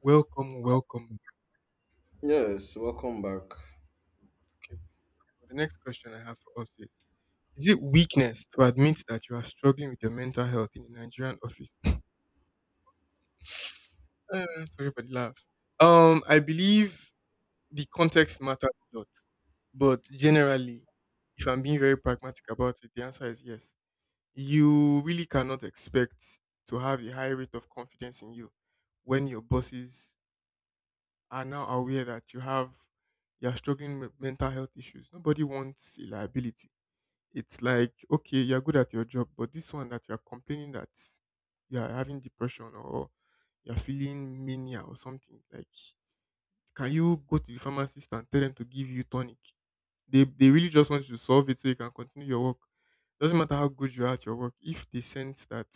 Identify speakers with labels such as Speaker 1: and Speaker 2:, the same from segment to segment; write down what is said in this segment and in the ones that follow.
Speaker 1: Welcome, welcome.
Speaker 2: Yes, welcome back.
Speaker 1: Okay. So the next question I have for us is it weakness to admit that you are struggling with your mental health in a Nigerian office? Sorry for the laugh. I believe the context matters a lot, but generally, if I'm being very pragmatic about it, the answer is yes. You really cannot expect to have a high rate of confidence in you when your bosses are now aware that you're struggling with mental health issues. Nobody wants a liability. It's like, okay, you're good at your job, but this one that you're complaining that you're having depression or you're feeling mania or something, like, can you go to the pharmacist and tell them to give you tonic? They really just want you to solve it so you can continue your work. Doesn't matter how good you are at your work, if they sense that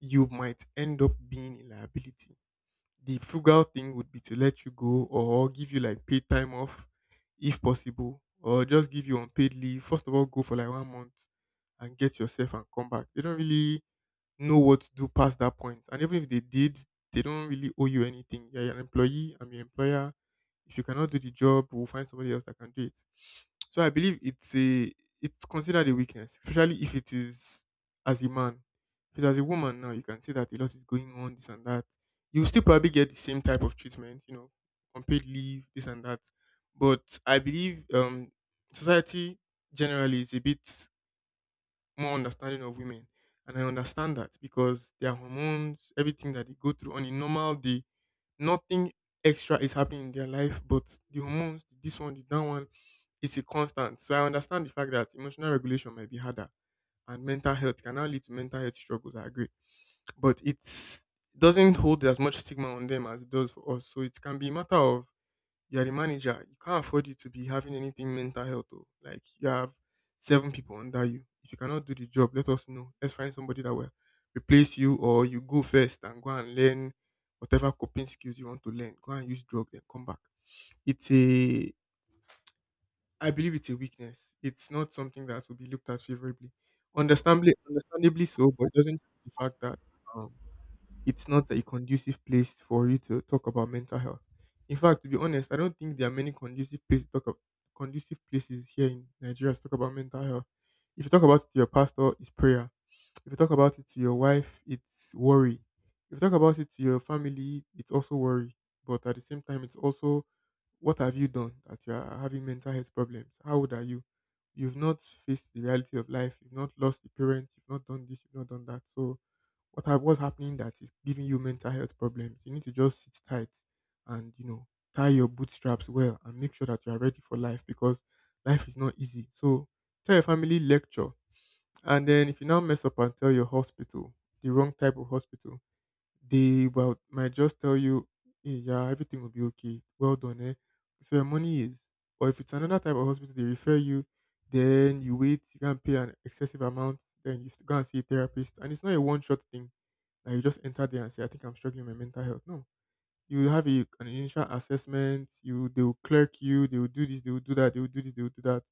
Speaker 1: you might end up being a liability, the frugal thing would be to let you go or give you like paid time off if possible, or just give you unpaid leave, first of all, go for like 1 month and get yourself and come back. They don't really know what to do past that point. And even if they did, they don't really owe you anything. Yeah. You're an employee, I'm your employer. If you cannot do the job, we'll find somebody else that can do it. So I believe it's considered a weakness, especially if it is as a man. If it's as a woman now, you can see that a lot is going on, this and that. You still probably get the same type of treatment, you know, unpaid leave, this and that. But I believe society generally is a bit more understanding of women. And I understand that because their hormones, everything that they go through on a normal day, nothing extra is happening in their life, but the hormones, the this one, the that one, it's a constant. So I understand the fact that emotional regulation might be harder and mental health can now lead to mental health struggles. I agree. But it doesn't hold as much stigma on them as it does for us. So it can be a matter of you're the manager. You can't afford you to be having anything mental health. Though. Like you have seven people under you. If you cannot do the job, let us know. Let's find somebody that will replace you, or you go first and go and learn whatever coping skills you want to learn. Go and use drug, then come back. It's a, I believe it's a weakness. It's not something that will be looked at favorably. Understandably, understandably so, but it doesn't change the fact that um, it's not a conducive place for you to talk about mental health. In fact, to be honest, I don't think there are many conducive places to talk about, conducive places here in Nigeria to talk about mental health. If you talk about it to your pastor, it's prayer. If you talk about it to your wife, it's worry. If you talk about it to your family, it's also worry. But at the same time, it's also, what have you done that you are having mental health problems? How old are you? You've not faced the reality of life. You've not lost a parent. You've not done this. You've not done that. So what's happening that is giving you mental health problems? You need to just sit tight and you know, tie your bootstraps well and make sure that you are ready for life because life is not easy. So tell your family lecture, and then if you now mess up and tell your hospital, the wrong type of hospital, they well might just tell you, hey, yeah, everything will be okay. Well done, eh? So your money is, or if it's another type of hospital, they refer you. Then you wait, you can't pay an excessive amount, then you go and see a therapist. And it's not a one shot thing that you just enter there and say, I think I'm struggling with my mental health. No. You have an initial assessment, you they will clerk you, they will do this, they will do that, they will do this, they will do that.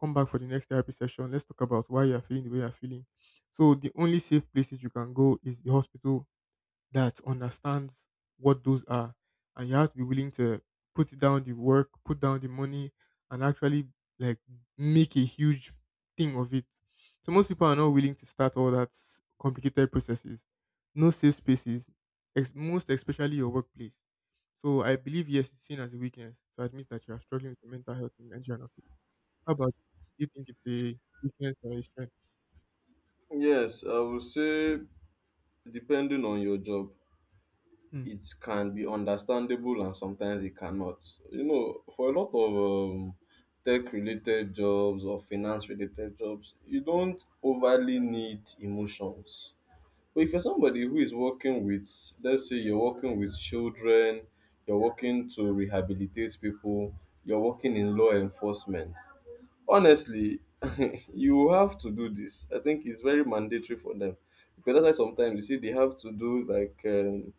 Speaker 1: Come back for the next therapy session. Let's talk about why you're feeling the way you're feeling. So the only safe places you can go is the hospital that understands what those are. And you have to be willing to put down the work, put down the money, and actually like make a huge thing of it. So most people are not willing to start all that complicated processes. No safe spaces, most especially your workplace. So I believe yes, it's seen as a weakness to admit that you are struggling with your mental health in Nigerian office. How about you? Do you think it's a weakness or a strength?
Speaker 2: Yes, I would say depending on your job,
Speaker 1: Hmm.
Speaker 2: it can be understandable and sometimes it cannot. You know, for a lot of tech related jobs or finance related jobs, you don't overly need emotions. But if you're somebody who is working with, let's say you're working with children, you're working to rehabilitate people, you're working in law enforcement. Honestly, you have to do this. I think it's very mandatory for them, because that's why sometimes you see they have to do like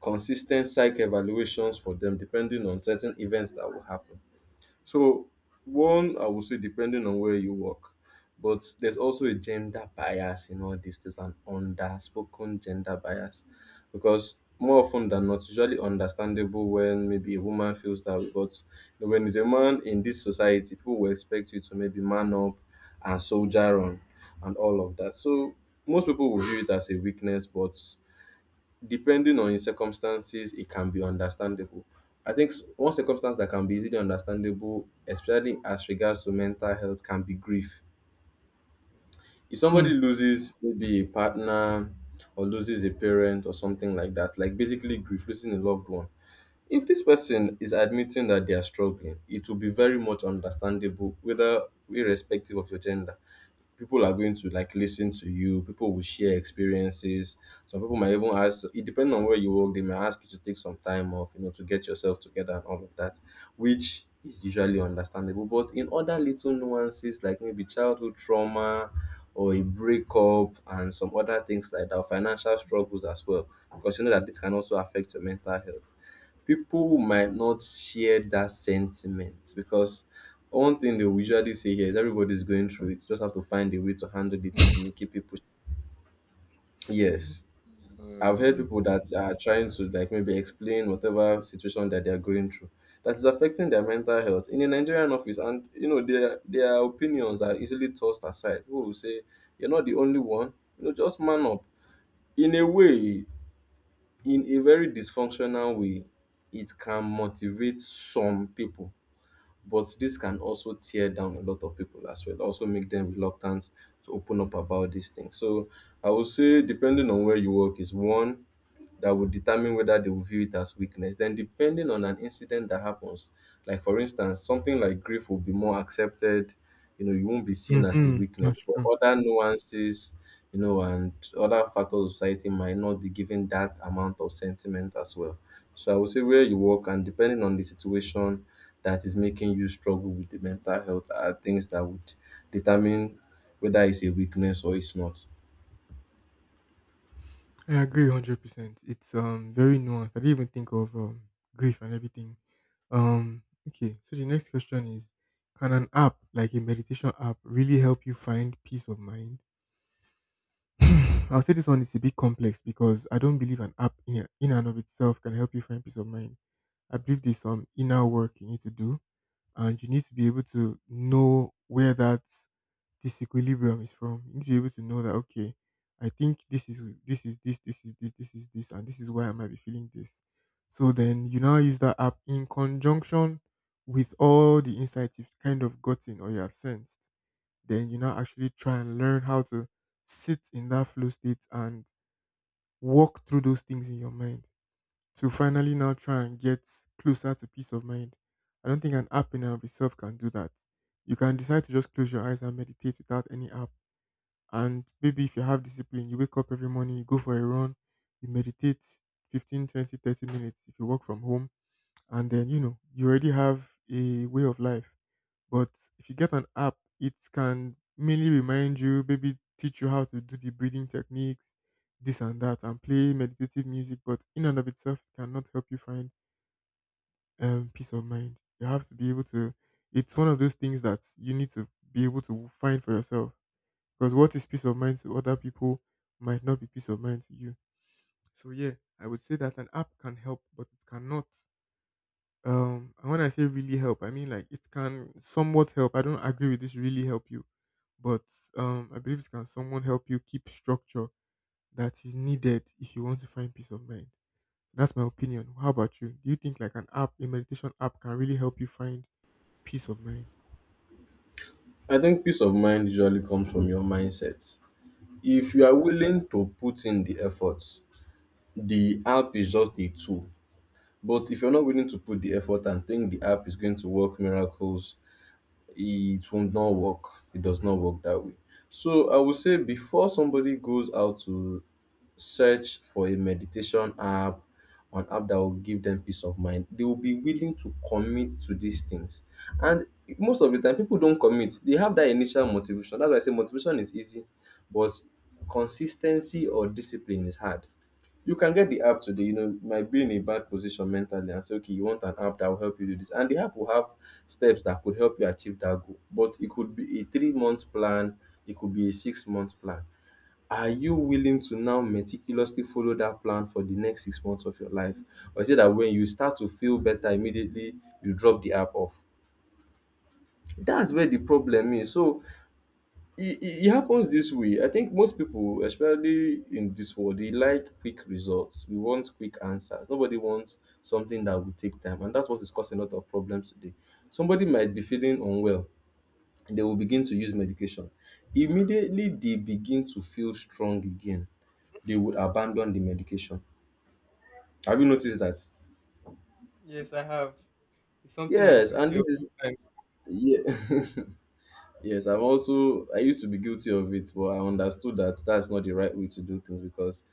Speaker 2: consistent psych evaluations for them depending on certain events that will happen. So one, I would say depending on where you work, but there's also a gender bias in all this. There's an underspoken gender bias, because more often than not, it's usually understandable when maybe a woman feels that way. But you know, when it's a man in this society, people will expect you to maybe man up and soldier on and all of that. So most people will view it as a weakness, but depending on your circumstances, it can be understandable. I think one circumstance that can be easily understandable, especially as regards to mental health, can be grief. If
Speaker 1: Hmm.
Speaker 2: somebody loses maybe a partner or loses a parent or something like that, like basically grief, losing a loved one. If this person is admitting that they are struggling, it will be very much understandable, whether irrespective of your gender, people are going to like listen to you, people will share experiences, some people might even ask, it depends on where you work, they may ask you to take some time off, you know, to get yourself together and all of that, which is usually understandable. But in other little nuances like maybe childhood trauma or a breakup and some other things like that, financial struggles as well, because you know that this can also affect your mental health, people might not share that sentiment, because one thing they will usually say here is everybody's going through it. Just have to find a way to handle it and you know, keep people. Yes, I've heard
Speaker 1: Uh,
Speaker 2: people that are trying to like maybe explain whatever situation that they are going through that is affecting their mental health in a Nigerian office, and you know their opinions are easily tossed aside. Who will say you're not the only one. You know, just man up. In a way, in a very dysfunctional way, it can motivate some people, but this can also tear down a lot of people as well, also make them reluctant to open up about these things. So I would say depending on where you work is one that would determine whether they will view it as weakness. Then, depending on an incident that happens, like for instance, something like grief will be more accepted. You know, you won't be seen as a
Speaker 1: mm-hmm.
Speaker 2: weakness,
Speaker 1: That's
Speaker 2: but
Speaker 1: true.
Speaker 2: other nuances, you know, and other factors of society might not be given that amount of sentiment as well. So, I would say where you work and depending on the situation that is making you struggle with the mental health are things that would determine whether it's a weakness or it's not.
Speaker 1: I agree 100%. It's very nuanced. I didn't even think of grief and everything. Um okay, so the next question is, can an app like a meditation app really help you find peace of mind? I'll say this one is a bit complex because I don't believe an app in and of itself can help you find peace of mind. I believe there's some inner work you need to do and you need to be able to know where that this equilibrium is from. You need to be able to know that okay, I think this is this and this is why I might be feeling this. So then you now use that app in conjunction with all the insights you've kind of gotten or you have sensed. Then you now actually try and learn how to sit in that flow state and walk through those things in your mind to finally now try and get closer to peace of mind. I don't think an app in and of itself can do that. You can decide to just close your eyes and meditate without any app. And maybe if you have discipline, you wake up every morning, you go for a run, you meditate 15, 20, 30 minutes if you work from home, and then you know, you already have a way of life. But if you get an app, it can mainly remind you, maybe teach you how to do the breathing techniques, this and that, and play meditative music. But in and of itself, it cannot help you find peace of mind. You have to be able it's one of those things that you need to be able to find for yourself because what is peace of mind to other people might not be peace of mind to you. So yeah, I would say that an app can help, but it cannot. And when I say really help, I mean like it can somewhat help. I don't agree with this really help you, but I believe it can somewhat help you keep structure that is needed if you want to find peace of mind. So, that's my opinion. How about you? Do you think like an app, a meditation app, can really help you find peace of mind?
Speaker 2: I think peace of mind usually comes from your mindset. If you are willing to put in the effort, the app is just a tool. But if you're not willing to put the effort and think the app is going to work miracles, it will not work. It does not work that way. So I would say before somebody goes out to search for a meditation app, an app that will give them peace of mind, they will be willing to commit to these things. And most of the time, people don't commit. They have that initial motivation. That's why I say motivation is easy, but consistency or discipline is hard. You can get the app today, you know, you might be in a bad position mentally and say, okay, you want an app that will help you do this. And the app will have steps that could help you achieve that goal. But it could be a 3 month plan, it could be a 6 month plan. Are you willing to now meticulously follow that plan for the next 6 months of your life? Or is it that when you start to feel better immediately, you drop the app off? That's where the problem is. So it happens this way. I think most people, especially in this world, they like quick results. We want quick answers. Nobody wants something that will take time. And that's what is causing a lot of problems today. Somebody might be feeling unwell and they will begin to use medication. Immediately, they begin to feel strong again, they would abandon the medication. Have you noticed that?
Speaker 1: Yes, I have. It's something I'm
Speaker 2: Yes, and
Speaker 1: guilty of.
Speaker 2: this is yeah. Yes, I used to be guilty of it, but I understood that that's not the right way to do things, because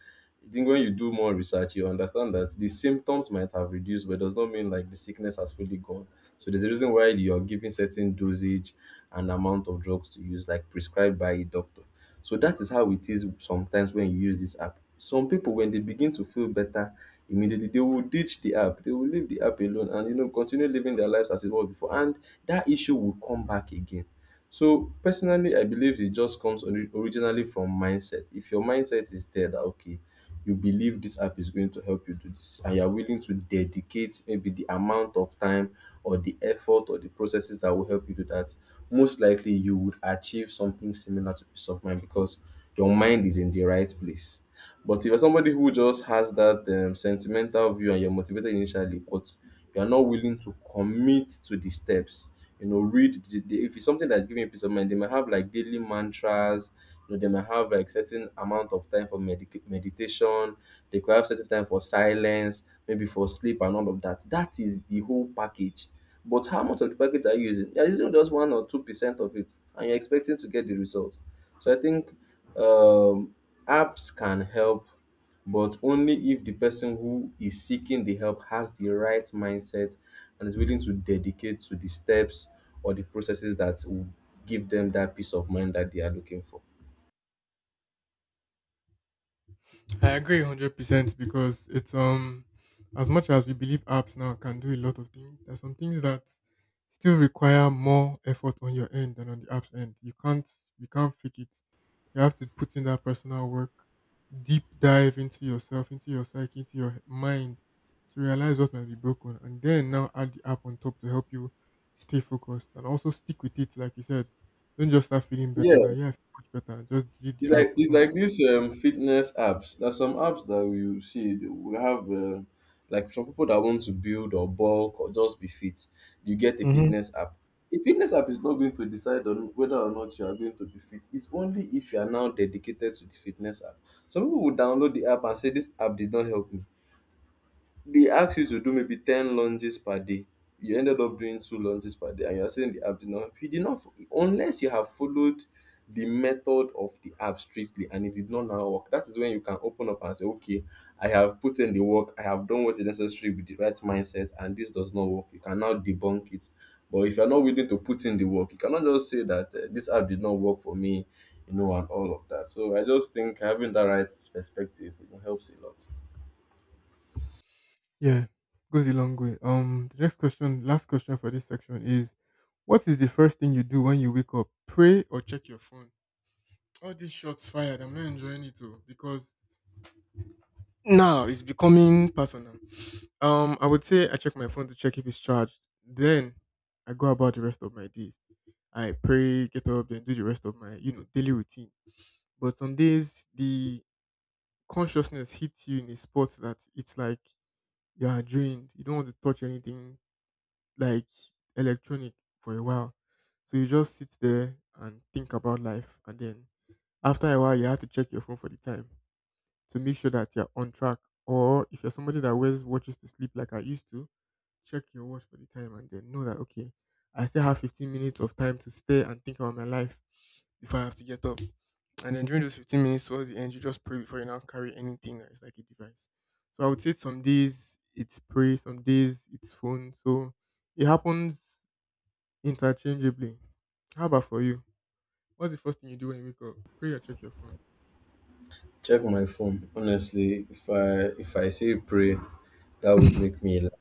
Speaker 2: I think when you do more research, you understand that the symptoms might have reduced, but it does not mean like the sickness has fully gone. So there's a reason why you're giving certain dosage and amount of drugs to use, like prescribed by a doctor. So that is how it is sometimes when you use this app. Some people, when they begin to feel better immediately, they will ditch the app. They will leave the app alone and you know continue living their lives as it was before. And that issue will come back again. So personally, I believe it just comes originally from mindset. If your mindset is there, that okay, you believe this app is going to help you do this and you are willing to dedicate maybe the amount of time or the effort or the processes that will help you do that, most likely you would achieve something similar to peace of mind, because your mind is in the right place. But if you're somebody who just has that sentimental view and you're motivated initially but you're not willing to commit to the steps, you know, read the if it's something that's giving you peace of mind, they might have like daily mantras, you know, they might have like certain amount of time for meditation, they could have certain time for silence, maybe for sleep and all of that. That is the whole package. But how much of the package are you using? You're using just 1 or 2 percent of it, and you're expecting to get the results. So I think um, apps can help but only if the person who is seeking the help has the right mindset and is willing to dedicate to the steps or the processes that will give them that peace of mind that they are looking for.
Speaker 1: I agree 100% because it's as much as we believe apps now can do a lot of things, there's some things that still require more effort on your end than on the app's end. You can't fake it. You have to put in that personal work, deep dive into yourself, into your psyche, into your mind to realize what might be broken and then now add the app on top to help you stay focused and also stick with it like you said. Don't just start feeling
Speaker 2: Yeah,
Speaker 1: better than yeah, I feel much better and just delete
Speaker 2: it's
Speaker 1: the app
Speaker 2: like
Speaker 1: or
Speaker 2: these fitness apps. There's some apps that you see they will have like some people that want to build or bulk or just be fit. You get a
Speaker 1: something.
Speaker 2: fitness app. A fitness app is not going to decide on whether or not you are going to be fit. It's only if you are now dedicated to the fitness app. Some people will download the app and say this app did not help me, they ask you to do maybe 10 lunges per day. You ended up doing two lunges per day and you're saying the app did not help. You did not, unless you have followed the method of the app strictly and it did not now work. That is when you can open up and say, okay, I have put in the work, I have done what is necessary with the right mindset, and this does not work. You can now debunk it. But if you're not willing to put in the work, you cannot just say that this app did not work for me, you know, and all of that. So I just think having that right perspective, you know, helps a lot.
Speaker 1: Yeah, goes a long way. The next question, last question for this section is, what is the first thing you do when you wake up? Pray or check your phone? All these shots fired. I'm not enjoying it though because now it's becoming personal. I would say I check my phone to check if it's charged. Then I go about the rest of my days. I pray, get up, then do the rest of my you know daily routine. But some days the consciousness hits you in a spot that it's like you are drained. You don't want to touch anything like electronic for a while. So you just sit there and think about life, and then after a while, you have to check your phone for the time to make sure that you're on track. Or if you're somebody that wears watches to sleep like I used to, check your watch for the time and then know that okay, I still have 15 minutes of time to stay and think about my life before I have to get up. And then during those 15 minutes towards the end, you just pray before you now carry anything that is like a device. So I would say some days it's pray, some days it's phone. So it happens interchangeably. How about for you? What's the first thing you do when you wake up? Pray or check your phone?
Speaker 2: Check my phone. Honestly, if I say pray, that would make me laugh.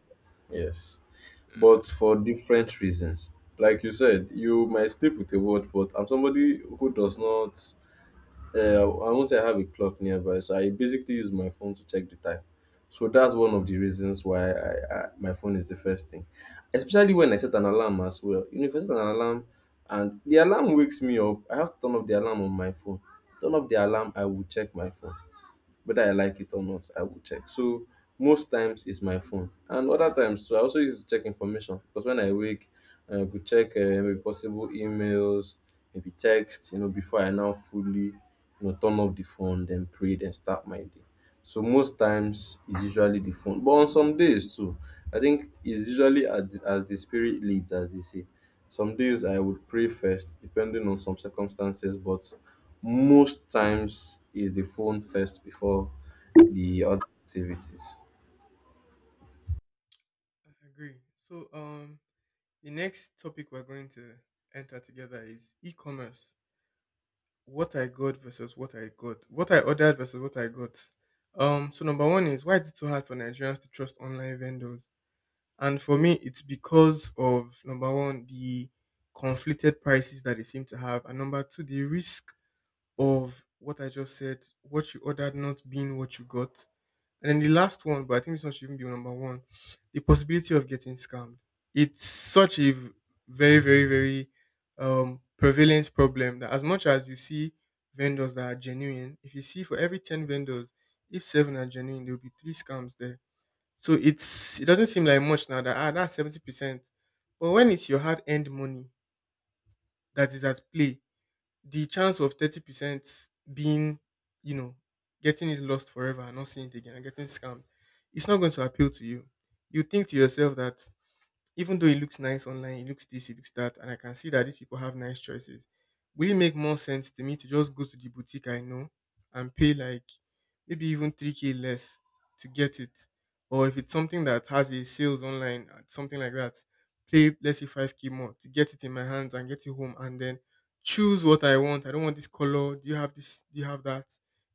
Speaker 2: Yes.
Speaker 1: I
Speaker 2: But for different reasons. Like you said, you might sleep with a watch, but I'm somebody who does not I won't say I have a clock nearby, so I basically use my phone to check the time. So that's one of the reasons why I my phone is the first thing. Especially when I set an alarm as well. You know, if I set an alarm and the alarm wakes me up, I have to turn off the alarm on my phone. Turn off the alarm, I will check my phone whether I like it or not, I will check. So most times it's my phone, and other times so I also use it to check information because when I wake, I could check maybe possible emails, maybe text, before I now fully, turn off the phone, then pray, then start my day. So most times it's usually the phone. But on some days too, I think it's usually as the spirit leads, as they say. Some days I would pray first, depending on some circumstances, but most times is the phone first before the other activities.
Speaker 1: agree. So, the next topic we're going to enter together is e-commerce. What I got versus what I got. What I ordered versus what I got. So number one is, why is it so hard for Nigerians to trust online vendors? And for me, it's because of number one, the conflicted prices that they seem to have, and number two, the risk of what I just said, what you ordered not being what you got. And then the last one, but I think this one should even be number one, the possibility of getting scammed. It's such a very, very, very prevalent problem that as much as you see vendors that are genuine, if you see for every 10 vendors, if seven are genuine, there'll be three scams there. So it doesn't seem like much now that, ah, that's 70%. But when it's your hard earned money that is at play, the chance of 30% being, you know, getting it lost forever and not seeing it again and getting scammed, it's not going to appeal to you. You think to yourself that even though it looks nice online, it looks this, it looks that, and I can see that these people have nice choices, will it make more sense to me to just go to the boutique I know and pay like maybe even 3k less to get it? Or if it's something that has a sales online, something like that, pay let's say 5k more to get it in my hands and get it home, and then choose what I want. I don't want this color. Do you have this? Do you have that?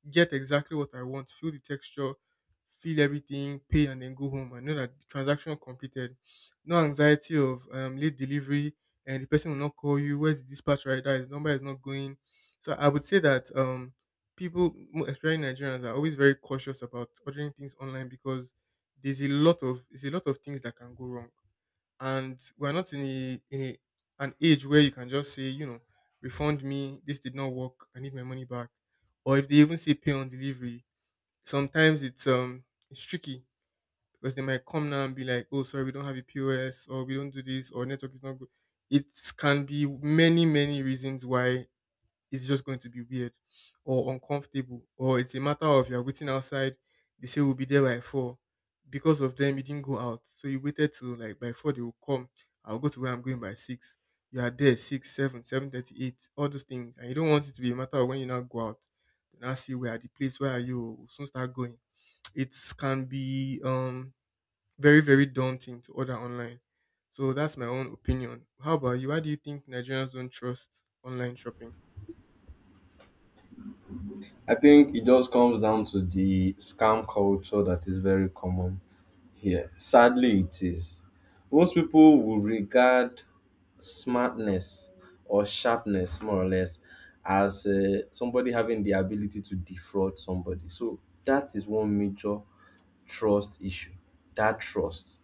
Speaker 1: Get exactly what I want. Feel the texture, feel everything, pay and then go home. I know that the transaction completed, no anxiety of late delivery, and the person will not call you, where's the dispatch rider, his number is not going. So I would say that people especially Nigerians are always very cautious about ordering things online because there's a lot of things that can go wrong, and we're not an age where you can just say, you know, refund me, this did not work, I need my money back. Or if they even say pay on delivery, sometimes it's tricky because they might come now and be like, oh, sorry, we don't have a POS or we don't do this or network is not good. It can be many, many reasons why it's just going to be weird or uncomfortable, or it's a matter of you're waiting outside. They say we'll be there by four. Because of them, you didn't go out. So you waited till like by four they will come. I'll go to where I'm going by six. You are there six, seven, 7:30, eight, all those things. And you don't want it to be a matter of when you now go out, then I see where are the place, where are you? We'll soon start going. It can be very, very daunting to order online. So that's my own opinion. How about you? Why do you think Nigerians don't trust online shopping?
Speaker 2: I think it just comes down to the scam culture that is very common here. Sadly, it is. Most people will regard smartness or sharpness, more or less, as somebody having the ability to defraud somebody. So that is one major trust issue. That trust.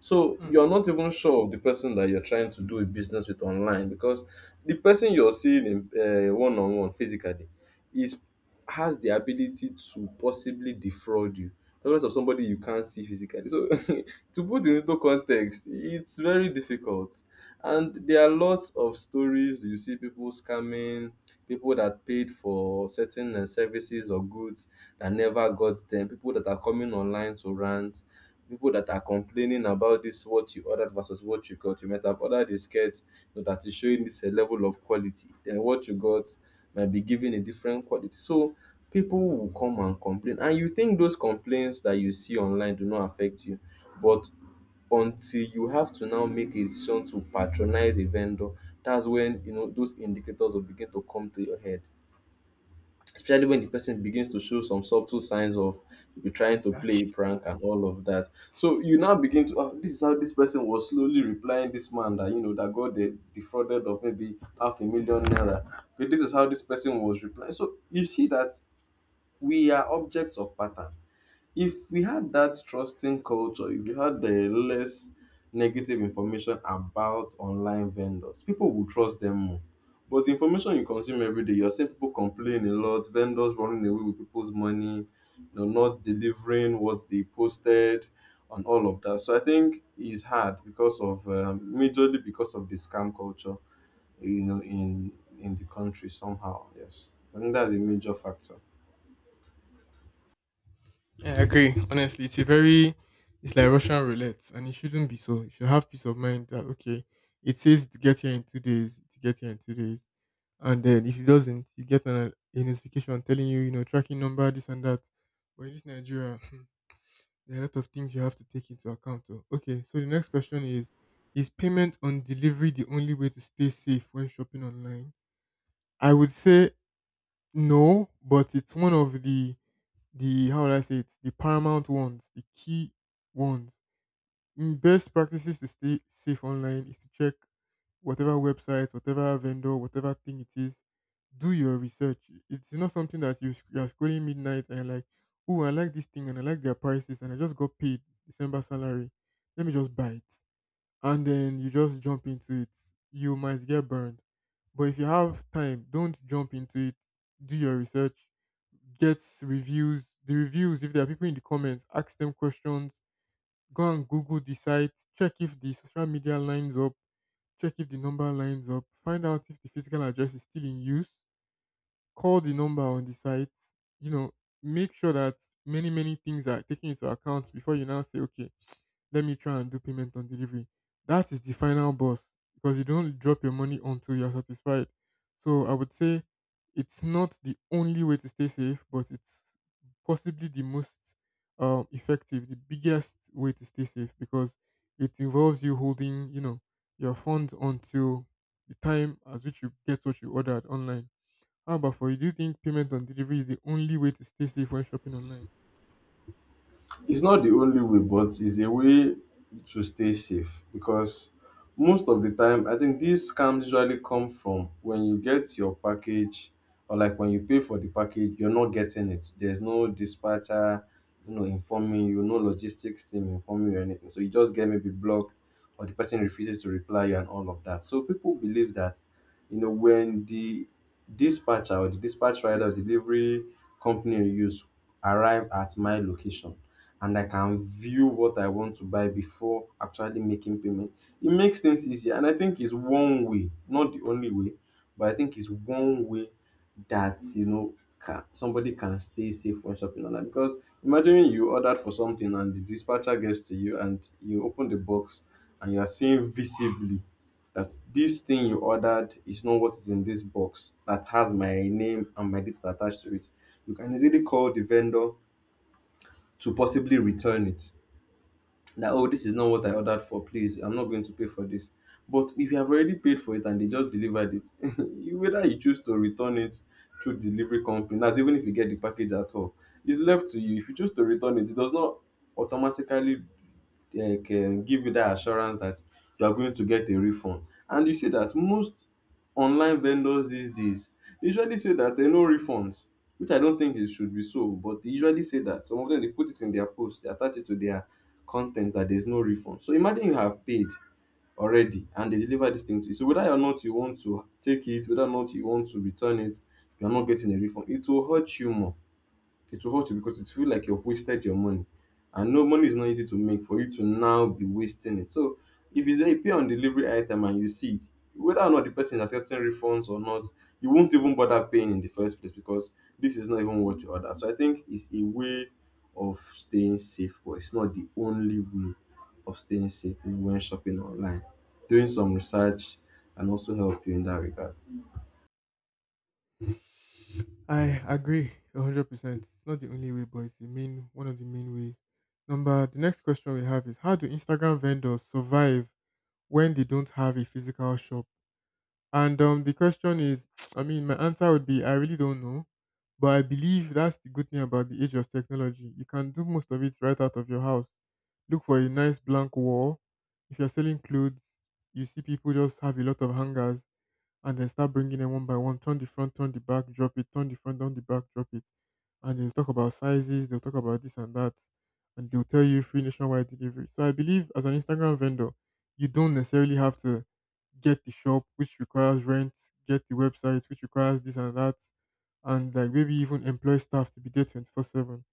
Speaker 2: So
Speaker 1: Hmm,
Speaker 2: you're not even sure of the person that you're trying to do a business with online because the person you're seeing in one-on-one physically is has the ability to possibly defraud you. The rest of somebody you can't see physically. So to put it into context, it's very difficult. And there are lots of stories you see people scamming, people that paid for certain services or goods that never got them, people that are coming online to rant, people that are complaining about this what you ordered versus what you got. You might have ordered a skirt but that is showing this a level of quality. Then what you got might be giving a different quality. So people will come and complain. And you think those complaints that you see online do not affect you. But until you have to now make a decision to patronize a vendor, that's when you know those indicators will begin to come to your head, especially when the person begins to show some subtle signs of you trying to play
Speaker 1: exactly.
Speaker 2: a prank and all of that. So you now begin to, oh, this is how this person was slowly replying this man that, you know, that got defrauded of maybe half a million naira. Okay, this is how this person was replying. So you see that we are objects of pattern. If we had that trusting culture, if we had the less negative information about online vendors, people would trust them more. But the information you consume every day, you're seeing people complain a lot, vendors running away with people's money, not delivering what they posted, and all of that. So I think it's hard because of majorly because of the scam culture, you know, in in the country somehow. Yes, I think that's a major factor.
Speaker 1: Yeah, I agree. Honestly, it's a very it's like Russian roulette, and it shouldn't be so. You should have peace of mind that, okay, it says to get here in 2 days, to get here in 2 days, and then if it doesn't, you get a notification telling you, you know, tracking number, this and that. But in this Nigeria, there are a lot of things you have to take into account. Oh. Okay, so the next question is payment on delivery the only way to stay safe when shopping online? I would say no, but it's one of the how would I say it, the paramount ones, the key ones. Best practices to stay safe online is to check whatever website, whatever vendor, whatever thing it is. Do your research. It's not something that you are scrolling midnight and you're like, oh, I like this thing and I like their prices and I just got paid December salary. Let me just buy it. And then you just jump into it. You might get burned. But if you have time, don't jump into it. Do your research. Get reviews. The reviews, if there are people in the comments, ask them questions, go and Google the site, check if the social media lines up, check if the number lines up, find out if the physical address is still in use, call the number on the site, you know, make sure that many, many things are taken into account before you now say, okay, let me try and do payment on delivery. That is the final boss because you don't drop your money until you're satisfied. So I would say it's not the only way to stay safe, but it's possibly the most effective, the biggest way to stay safe because it involves you holding, your funds until the time at which you get what you ordered online. How about for you? Do you think payment on delivery is the only way to stay safe when shopping online?
Speaker 2: It's not the only way, but it's a way to stay safe because most of the time, I think these scams usually come from when you get your package or like when you pay for the package, you're not getting it. There's no dispatcher, informing you, no logistics team informing you or anything. So you just get maybe blocked or the person refuses to reply you and all of that. So people believe that when the dispatcher or the dispatch rider or delivery company you use arrive at my location and I can view what I want to buy before actually making payment, it makes things easier. And I think it's one way, not the only way, but I think it's one way that, somebody can stay safe when shopping online. Because imagine you ordered for something and the dispatcher gets to you and you open the box and you are seeing visibly that this thing you ordered is not what is in this box that has my name and my details attached to it, you can easily call the vendor to possibly return it. That oh, this is not what I ordered for. Please, I'm not going to pay for this. But if you have already paid for it and they just delivered it, whether you choose to return it through the delivery company, that's even if you get the package at all, it's left to you. If you choose to return it, it does not automatically like can give you that assurance that you are going to get a refund. And you see that most online vendors these days usually say that they no refunds, which I don't think it should be so, but they usually say that. Some of them they put it in their post, they attach it to their con that there's no refund. So imagine you have paid already and they deliver this thing to you. So whether or not you want to take it, whether or not you want to return it, you're not getting a refund. It will hurt you more. It will hurt you because it feels like you've wasted your money. And no money is not easy to make for you to now be wasting it. So if it's a pay on delivery item and you see it, whether or not the person is accepting refunds or not, you won't even bother paying in the first place because this is not even what you order. So I think it's a way of staying safe, but it's not the only way of staying safe when shopping online. Doing some research can also help you in that regard.
Speaker 1: I agree 100%. It's not the only way, but it's the main one of the main ways. Number The next question we have is, how do Instagram vendors survive when they don't have a physical shop? And the question is, I mean my answer would be, I really don't know. But I believe that's the good thing about the age of technology. You can do most of it right out of your house. Look for a nice blank wall. If you're selling clothes, you see people just have a lot of hangers and then start bringing them one by one. Turn the front, turn the back, drop it. Turn the front, down the back, drop it. And they'll talk about sizes. They'll talk about this and that, and they'll tell you free nationwide delivery. So I believe as an Instagram vendor, you don't necessarily have to get the shop which requires rent, get the website which requires this and that, and like maybe even employ staff to be there 24/7.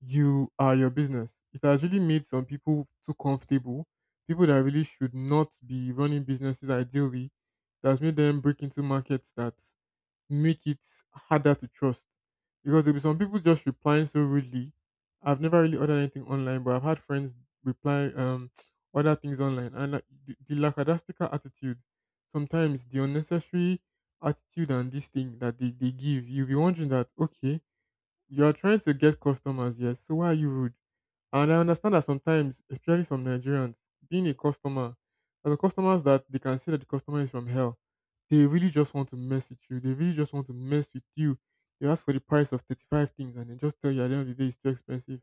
Speaker 1: You are your business. It has really made some people too comfortable. People that really should not be running businesses ideally, it has made them break into markets that make it harder to trust because there'll be some people just replying so rudely. I've never really ordered anything online, but I've had friends reply order things online, and like, the lackadaisical attitude, sometimes the unnecessary attitude and this thing that they give, you'll be wondering that, okay, you are trying to get customers, yes. So why are you rude? And I understand that sometimes, especially some Nigerians, being a customer, as the customers that they can say that the customer is from hell, they really just want to mess with you. They really just want to mess with you. They ask for the price of 35 things, and they just tell you at the end of the day it's too expensive,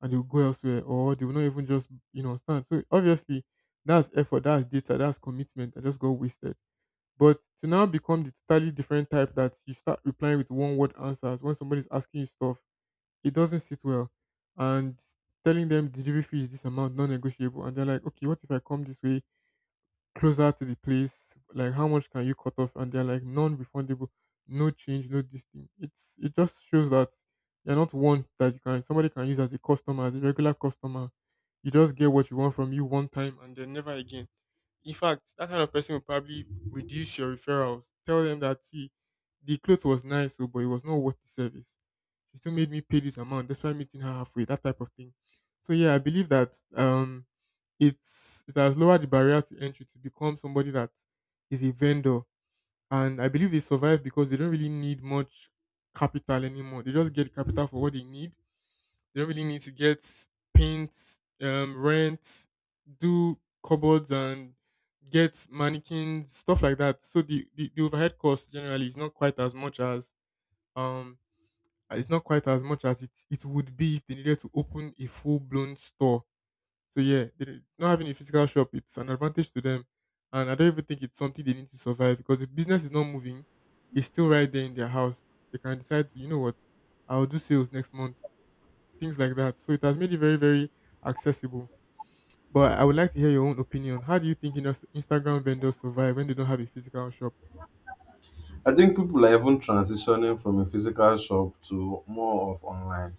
Speaker 1: and they'll go elsewhere, or they will not even just, stand. So obviously, that's effort, that's data, that's commitment that just got wasted. But to now become the totally different type that you start replying with one word answers when somebody's asking you stuff, it doesn't sit well. And telling them delivery fee is this amount, non-negotiable, and they're like, okay, what if I come this way closer to the place? Like, how much can you cut off? And they're like, non-refundable, no change, no this thing. It just shows that you're not one that you can somebody can use as a customer, as a regular customer. You just get what you want from you one time and then never again. In fact, that kind of person will probably reduce your referrals. Tell them that, see, the clothes was nice, oh, but it was not worth the service. She still made me pay this amount despite meeting her halfway. That type of thing. So yeah, I believe that it has lowered the barrier to entry to become somebody that is a vendor. And I believe they survive because they don't really need much capital anymore. They just get capital for what they need. They don't really need to get paint, rent, do cupboards and get mannequins, stuff like that. So the overhead cost generally is not quite as much as um it's not quite as much as it would be if they needed to open a full blown store. So yeah, not having a physical shop, it's an advantage to them, and I don't even think it's something they need to survive because if business is not moving, it's still right there in their house. They can decide to, you know what, I'll do sales next month, things like that. So it has made it very, very accessible. But I would like to hear your own opinion. How do you think Instagram vendors survive when they don't have a physical shop?
Speaker 2: I think people are even transitioning from a physical shop to more of online.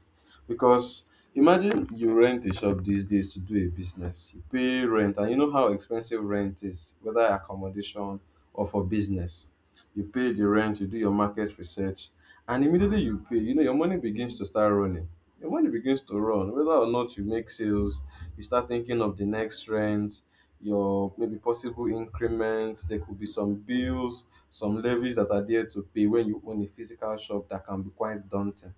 Speaker 2: Because imagine you rent a shop these days to do a business. You pay rent, and you know how expensive rent is, whether accommodation or for business. You pay the rent, you do your market research, and immediately you pay, your money begins to start running. Your money begins to run. Whether or not you make sales, you start thinking of the next rent, your maybe possible increments. There could be some bills, some levies that are there to pay when you own a physical shop that can be quite daunting.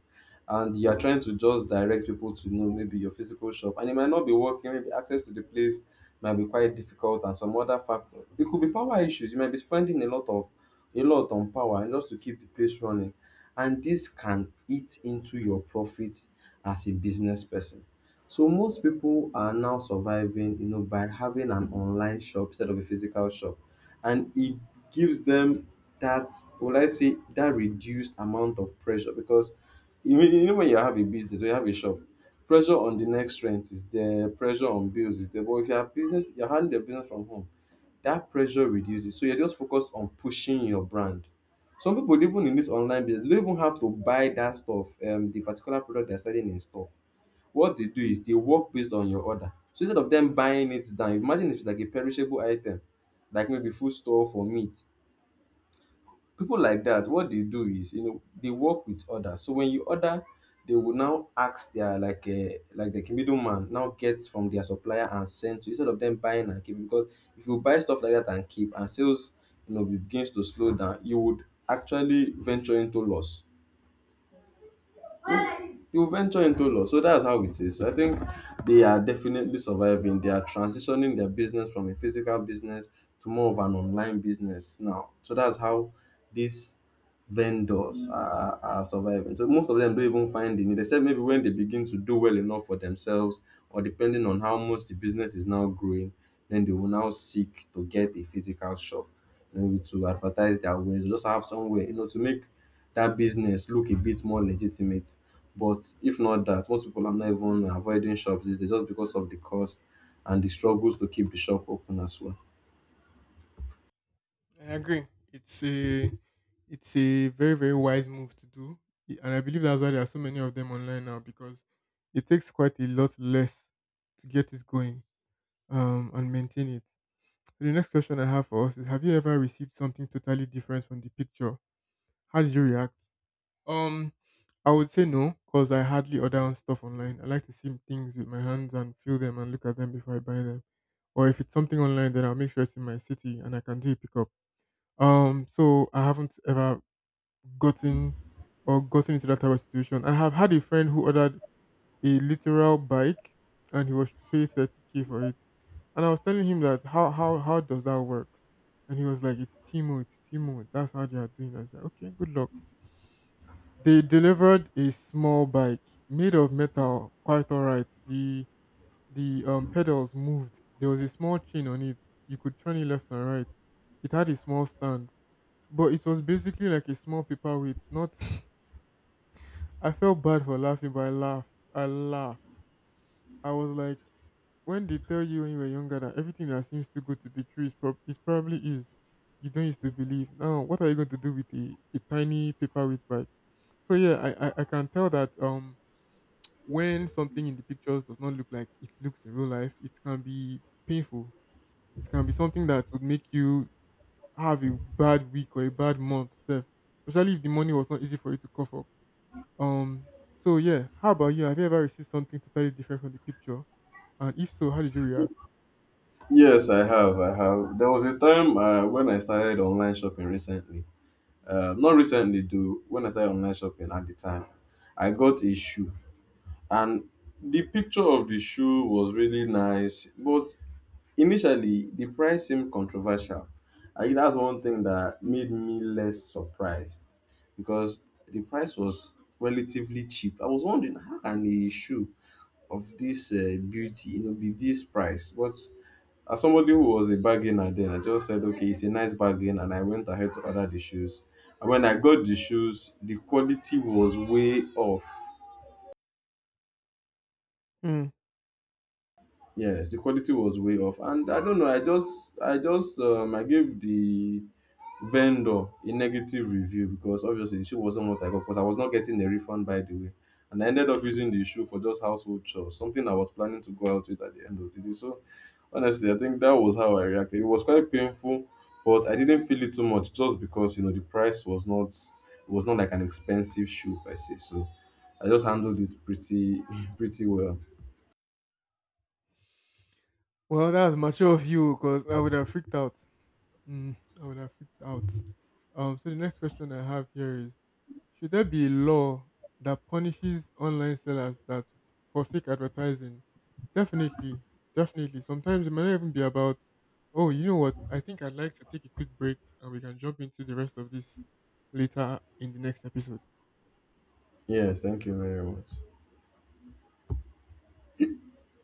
Speaker 2: And you are trying to just direct people to know maybe your physical shop, and it might not be working. Maybe access to the place might be quite difficult, and some other factor. It could be power issues. You might be spending a lot on power and just to keep the place running, and this can eat into your profit as a business person. So most people are now surviving, by having an online shop instead of a physical shop, and it gives them that, will I say, that reduced amount of pressure because you know when you have a business or you have a shop, pressure on the next rent is there, pressure on bills is there. But if you have business, you're handling your business from home, that pressure reduces. So you're just focused on pushing your brand. Some people even in this online business, they don't even have to buy that stuff, the particular product they're selling in store, what they do is they work based on your order. So instead of them buying it down, imagine if it's like a perishable item, like maybe food store for meat. People like that, what they do is they work with order. So when you order, they will now ask their like a like the middleman now gets from their supplier and send to, instead of them buying and keeping, because if you buy stuff like that and keep and sales begins to slow down, you would actually venture into loss. You venture into law. So that's how it is. So I think they are definitely surviving. They are transitioning their business from a physical business to more of an online business now. So that's how this vendors are surviving. So most of them don't even find the need, except maybe when they begin to do well enough for themselves, or depending on how much the business is now growing, then they will now seek to get a physical shop, maybe to advertise their wares, or just have somewhere, to make that business look a bit more legitimate. But if not that, most people are not even avoiding shops. It's just because of the cost and the struggles to keep the shop open as well.
Speaker 1: I agree. It's a it's a very very wise move to do. And I believe that's why there are so many of them online now because it takes quite a lot less to get it going, and maintain it. The next question I have for us is: have you ever received something totally different from the picture? How did you react? Um, I would say no because I hardly order on stuff online. I like to see things with my hands and feel them and look at them before I buy them. Or if it's something online, then I'll make sure it's in my city and I can do a pickup. So I haven't ever gotten or gotten into that type of situation. I have had a friend who ordered a literal bike and he was to pay 30K for it. And I was telling him that, how how does that work? And he was like, "It's Timo, it's Timo. That's how they are doing." I was like, "Okay, good luck." They delivered a small bike made of metal, quite alright. The pedals moved. There was a small chain on it. You could turn it left and right. It had a small stand, but it was basically like a small paperweight, not I felt bad for laughing, but I laughed. I laughed. I was like, when they tell you when you were younger that everything that seems too good to be true is probably is, you don't used to believe. Now, what are you going to do with a tiny paperweight bike? So yeah, I can tell that when something in the pictures does not look like it looks in real life, it can be painful. It can be something that would make you have a bad week or a bad month, self. Especially if the money was not easy for you to cough up. Um, so yeah, how about you? Have you ever received something totally different from the picture? And if so, how did you react?
Speaker 2: Yes, I have. I have. There was a time when I started online shopping recently. Not recently, though. When I started online shopping at the time, I got a shoe. And the picture of the shoe was really nice, but initially the price seemed controversial. And that's one thing that made me less surprised because the price was relatively cheap. I was wondering how can a shoe of this beauty, be this price? But as somebody who was a bargainer then, I just said, okay, it's a nice bargain, and I went ahead to order the shoes. And when I got the shoes, the quality was way off.
Speaker 1: Hmm.
Speaker 2: Yes, the quality was way off, and I don't know. I gave the vendor a negative review because obviously the shoe wasn't what I got because I was not getting a refund by the way, and I ended up using the shoe for just household chores, something I was planning to go out with at the end of the day. So honestly, I think that was how I reacted. It was quite painful, but I didn't feel it too much just because the price was not, it was not like an expensive shoe per se. So I just handled it pretty, pretty well.
Speaker 1: Well, that was mature of you because I would have freaked out. Mm, I would have freaked out. So the next question I have here is: should there be a law that punishes online sellers that for fake advertising? Definitely, definitely. Sometimes it might not even be about. Oh, you know what? I think I'd like to take a quick break, and we can jump into the rest of this later in the next episode.
Speaker 2: Yes, thank you very much.